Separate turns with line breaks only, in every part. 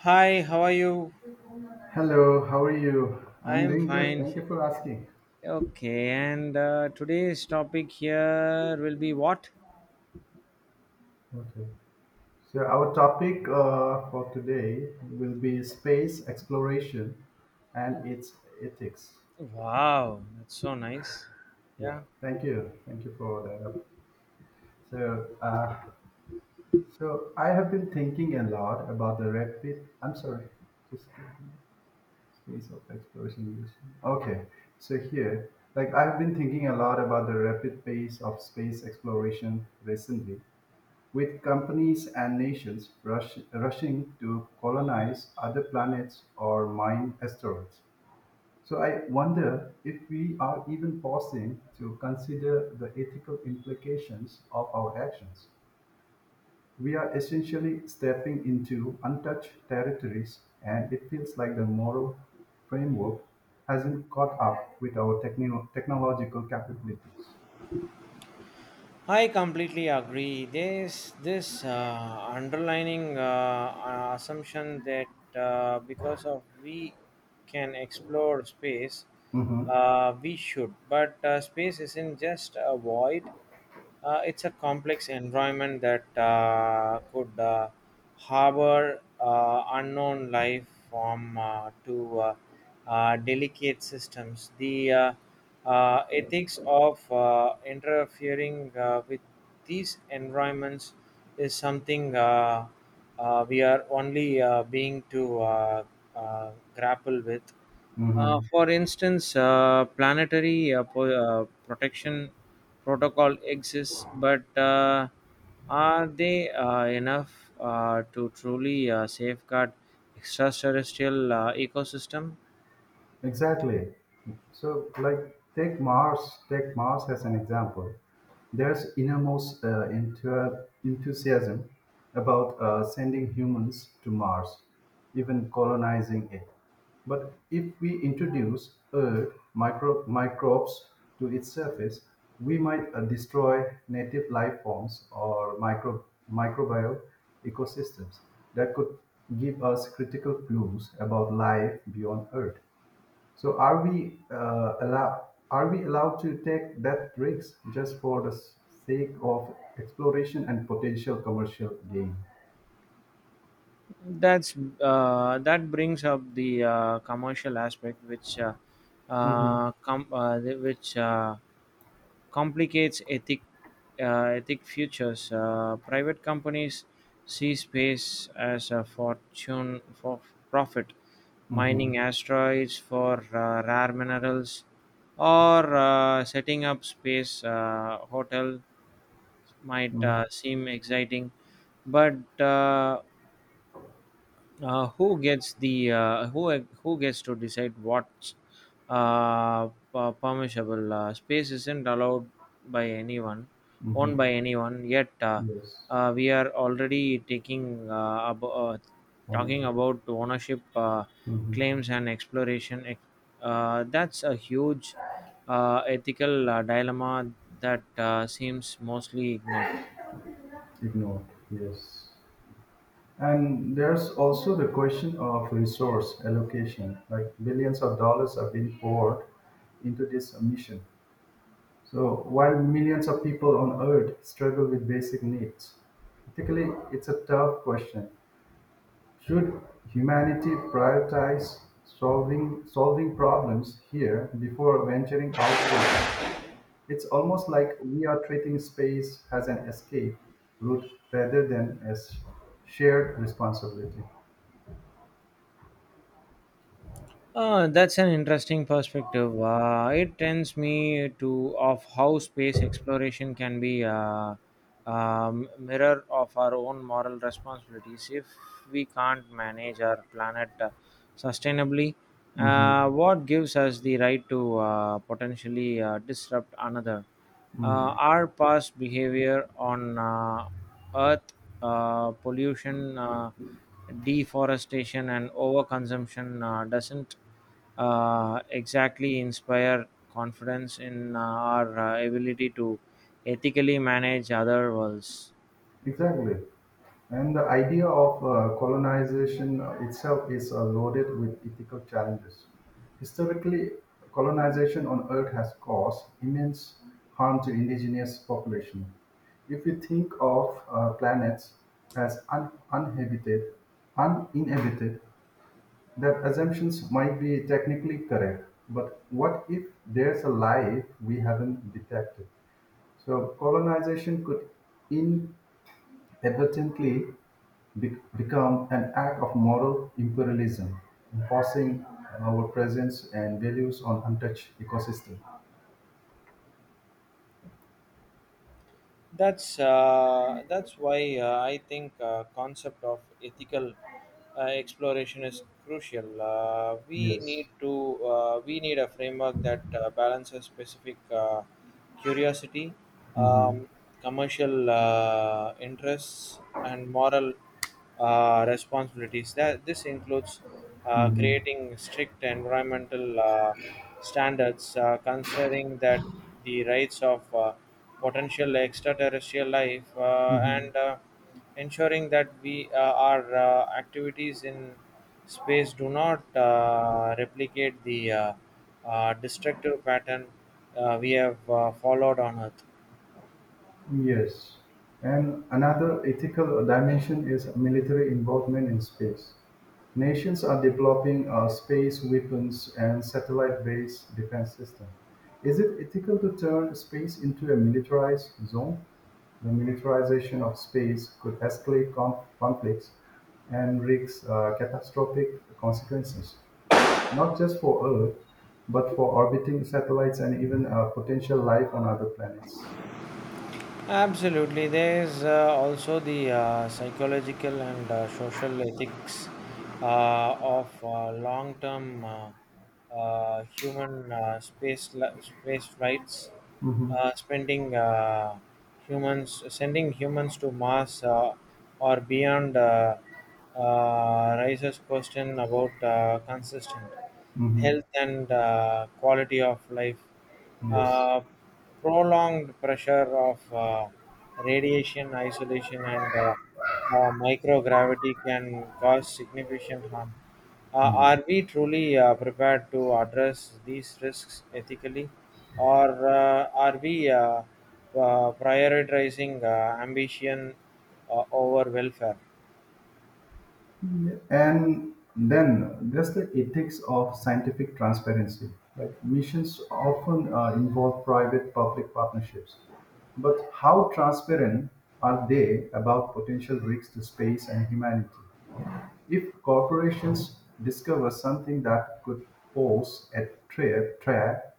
Hi, how are you?
Hello, how are you?
I
I'm
am
doing good.
fine
Thank
here.
you for asking.
Okay, and today's topic here will be what?
Okay. So, our topic for today will be space exploration and its ethics.
Wow, that's so nice.
Yeah.
Yeah,
Thank you. Thank you for that. So, uh, so I have been thinking a lot about the rapid. I'm sorry. Just space of exploration. Use. Okay. So here, like I've been thinking a lot about the rapid pace of space exploration recently, with companies and nations rushing to colonize other planets or mine asteroids. So I wonder if we are even pausing to consider the ethical implications of our actions. We are essentially stepping into untouched territories, and it feels like the moral framework hasn't caught up with our technological capabilities.
I completely agree. There's this underlining assumption that because of we can explore space,
Mhm,
we should. But space isn't just a void. It's a complex environment that could harbor unknown life form to delicate systems. The ethics of interfering with these environments is something we are only being to grapple with.
mhm.
For instance, planetary protection protocol exists, but are they enough to truly safeguard extraterrestrial ecosystem?
Exactly. So, like, take Mars. Take Mars as an example. There's enormous enthusiasm about sending humans to Mars, even colonizing it. But if we introduce Earth microbes to its surface, we might destroy native life forms or microbial ecosystems that could give us critical clues about life beyond Earth. So are we allowed to take that risks just for the sake of exploration and potential commercial gain?
That's that brings up the commercial aspect, which uh,
Mm-hmm.
uh, com- uh, the- which uh, complicates ethic futures. Private companies see space as a fortune for profit,
Mm-hmm.
mining asteroids for rare minerals, or setting up space hotel might seem exciting, but who gets the who gets to decide what's permissible. Space isn't allowed by anyone
Mm-hmm.
owned by anyone yet,
Yes.
we are already taking talking
Ownership.
about ownership
Mm-hmm.
claims and exploration — that's a huge ethical dilemma that seems mostly ignored.
Ignored. Yes. And there's also the question of resource allocation. Like billions of dollars are being poured into this mission, so while millions of people on earth struggle with basic needs, ethically it's a tough question. Should humanity prioritize solving problems here before venturing outward? It's almost like we are treating space as an escape route rather than as shared responsibility.
That's an interesting perspective. It tends me to of how space exploration can be a mirror of our own moral responsibilities. If we can't manage our planet sustainably,
Mhm.
what gives us the right to potentially disrupt another?
Mm.
Our past behavior on earth, pollution, deforestation, and overconsumption doesn't exactly inspire confidence in our ability to ethically manage other worlds.
Exactly. And the idea of colonization itself is loaded with ethical challenges. Historically, colonization on Earth has caused immense harm to indigenous population. If we think of planets as uninhabited, that assumptions might be technically correct. But what if there's a life we haven't detected? So colonization could advertently become an act of moral imperialism, imposing our presence and values on untouched ecosystem.
That's why I think concept of ethical exploration is crucial.
Yes.
We need a framework that balances specific curiosity,
Mhm.
um, commercial interests, and moral responsibilities. That this includes
Mhm.
creating strict environmental standards, considering that the rights of potential extraterrestrial life, uh,
Mhm.
and uh, ensuring that we our activities in space do not replicate the destructive pattern we have followed on Earth.
Yes, and another ethical dimension is military involvement in space. Nations are developing space weapons and satellite-based defense system. Is it ethical to turn space into a militarized zone? The militarization of space could escalate conflicts and risk catastrophic consequences, not just for Earth, but for orbiting satellites and even potential life on other planets.
Absolutely. There is also the psychological and social ethics of long-term human space flights,
Mhm.
spending humans sending humans to Mars or beyond, raises question about consistent
Mm-hmm.
health and quality of life,
Yes.
uh, prolonged pressure of radiation isolation and microgravity can cause significant harm. Uh,
Mm.
are we truly prepared to address these risks ethically, or are we prioritizing ambition over welfare?
And then there's the ethics of scientific transparency. Like missions often involve private public partnerships. But how transparent are they about potential risks to space and humanity? If corporations discover something that could pose threat,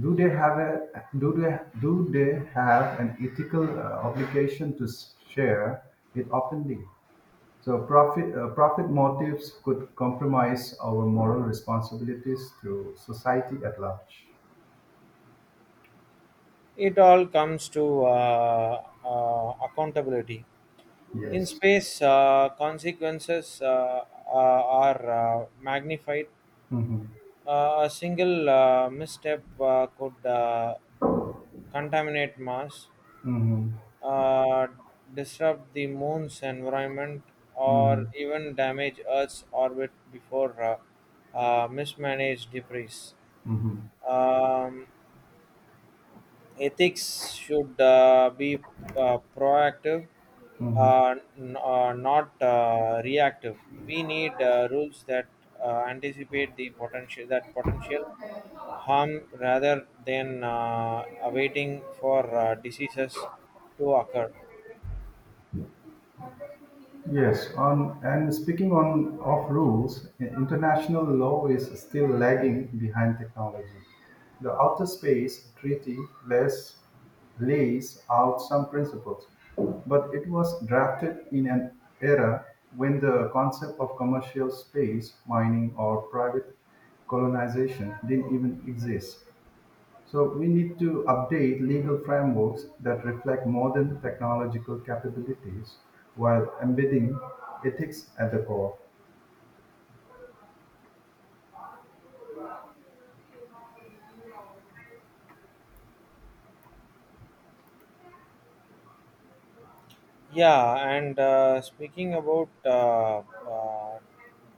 do they have a do they have an ethical obligation to share it openly? So profit motives could compromise our moral responsibilities to society at large.
It all comes to accountability. In
Yes.
space, consequences are magnified.
Mm-hmm.
A single misstep could contaminate Mars,
Mm-hmm.
uh, disrupt the moon's environment, or
Mm-hmm.
even damage Earth's orbit before mismanaged debris.
Mm-hmm.
Um, Ethics should be proactive,
Mm-hmm.
not reactive. We need rules that anticipate the potential harm rather than awaiting for diseases to occur.
Yes, on and speaking on of rules, international law is still lagging behind technology. The Outer Space Treaty lays, lays out some principles, but it was drafted in an era when the concept of commercial space mining or private colonization didn't even exist. So we need to update legal frameworks that reflect modern technological capabilities while embedding ethics at the core.
Yeah, and speaking about uh,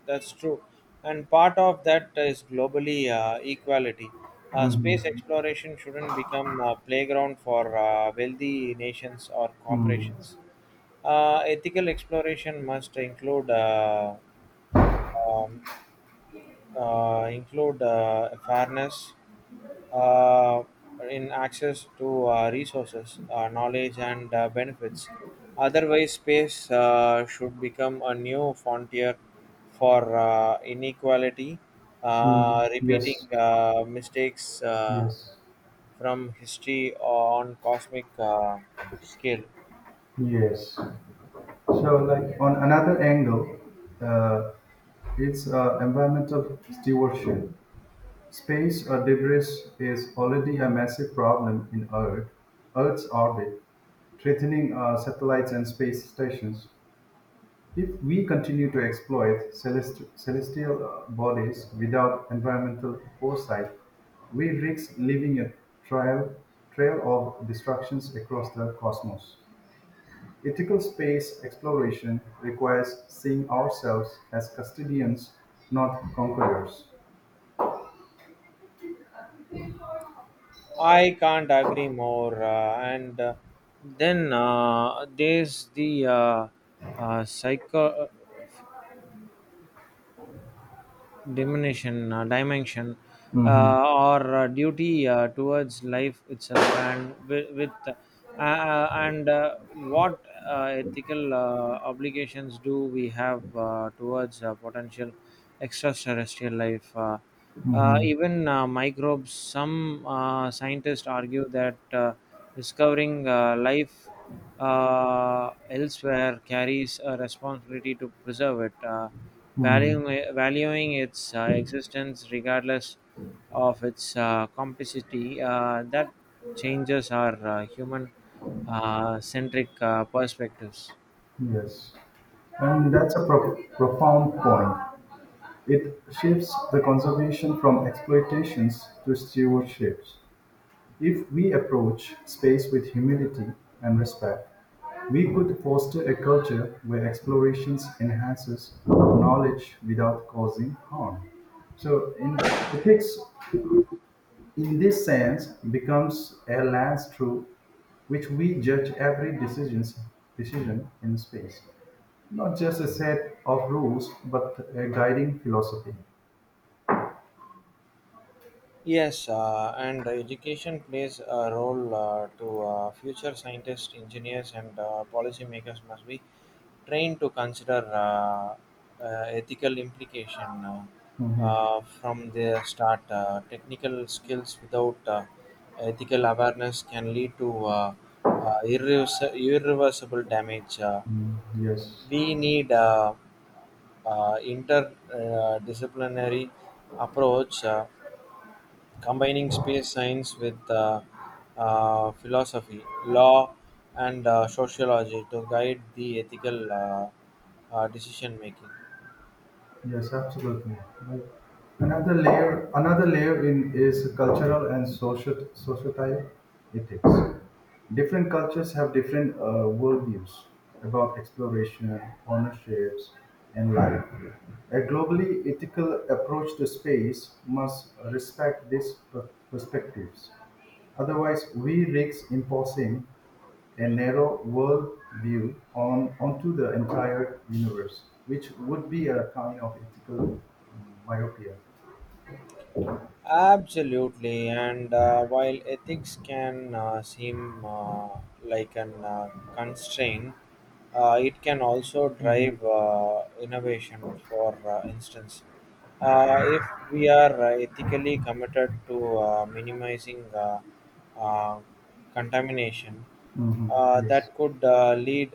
that's true, and part of that is globally equality. Space
Mhm.
exploration shouldn't become a playground for wealthy nations or corporations.
Mm.
Ethical exploration must um, include fairness uh, in access to resources, knowledge, and benefits. Otherwise, space should become a new frontier for inequality,
Mm.
repeating
Yes,
mistakes
yes,
from history on cosmic scale.
yes. So, like on another angle, uh, it's environmental stewardship. Space or debris is already a massive problem in Earth's orbit, threatening satellites and space stations. If we continue to exploit celestial bodies without environmental foresight, we risk leaving a trail, trail of destructions across the cosmos. Ethical space exploration requires seeing ourselves as custodians, not conquerors.
I can't agree more. And Then there's the uh, psycho uh, dimension,
Mm-hmm.
or duty towards life itself, and with and what ethical obligations do we have towards potential extraterrestrial life?
Mm-hmm.
Even microbes. Some scientists argue that discovering life elsewhere carries a responsibility to preserve it,
Mm.
valuing its existence regardless of its complexity. That changes our human centric perspectives.
Yes. And that's a profound point. It shifts the conservation from exploitations to stewardships. If we approach space with humility and respect, we could foster a culture where explorations enhances knowledge without causing harm. So, in ethics, in this sense, becomes a lens through which we judge decision in space, not just a set of rules, but a guiding philosophy.
Yes, and education plays a role to future scientists, engineers, and policymakers must be trained to consider ethical implication from the start. Technical skills without ethical awareness can lead to irreversible damage. Uh,
Mm, yes.
we need uh, uh, interdisciplinary approach. Combining space science with philosophy, law, and sociology to guide the ethical decision making.
Yes, absolutely. Like another layer in is cultural and social societal ethics. Different cultures have different worldviews about exploration, ownerships, and life. A globally ethical approach to space must respect these perspectives. Otherwise we risk imposing a narrow worldview on onto the entire universe, which would be a kind of ethical myopia.
Absolutely, and while ethics can seem like an constraint, it can also
Mhm.
drive innovation. For instance, if we are ethically committed to minimizing uh, contamination,
hmm Yes.
that could lead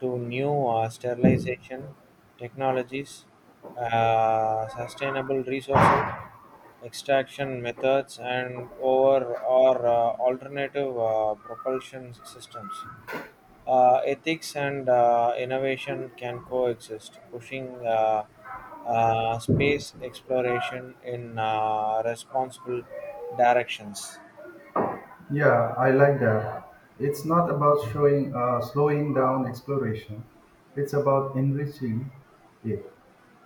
to new sterilization technologies, sustainable resources, extraction methods and over or alternative propulsion systems. Ethics and innovation can coexist, pushing space exploration in responsible directions.
Yeah, I like that. It's not about showing slowing down exploration. It's about enriching it.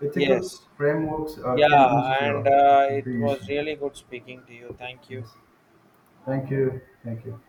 Ethical
Yes,
frameworks can
yeah, and
ensure
it was
creation.
really good speaking to you. Thank you.
Yes. Thank you. Thank you.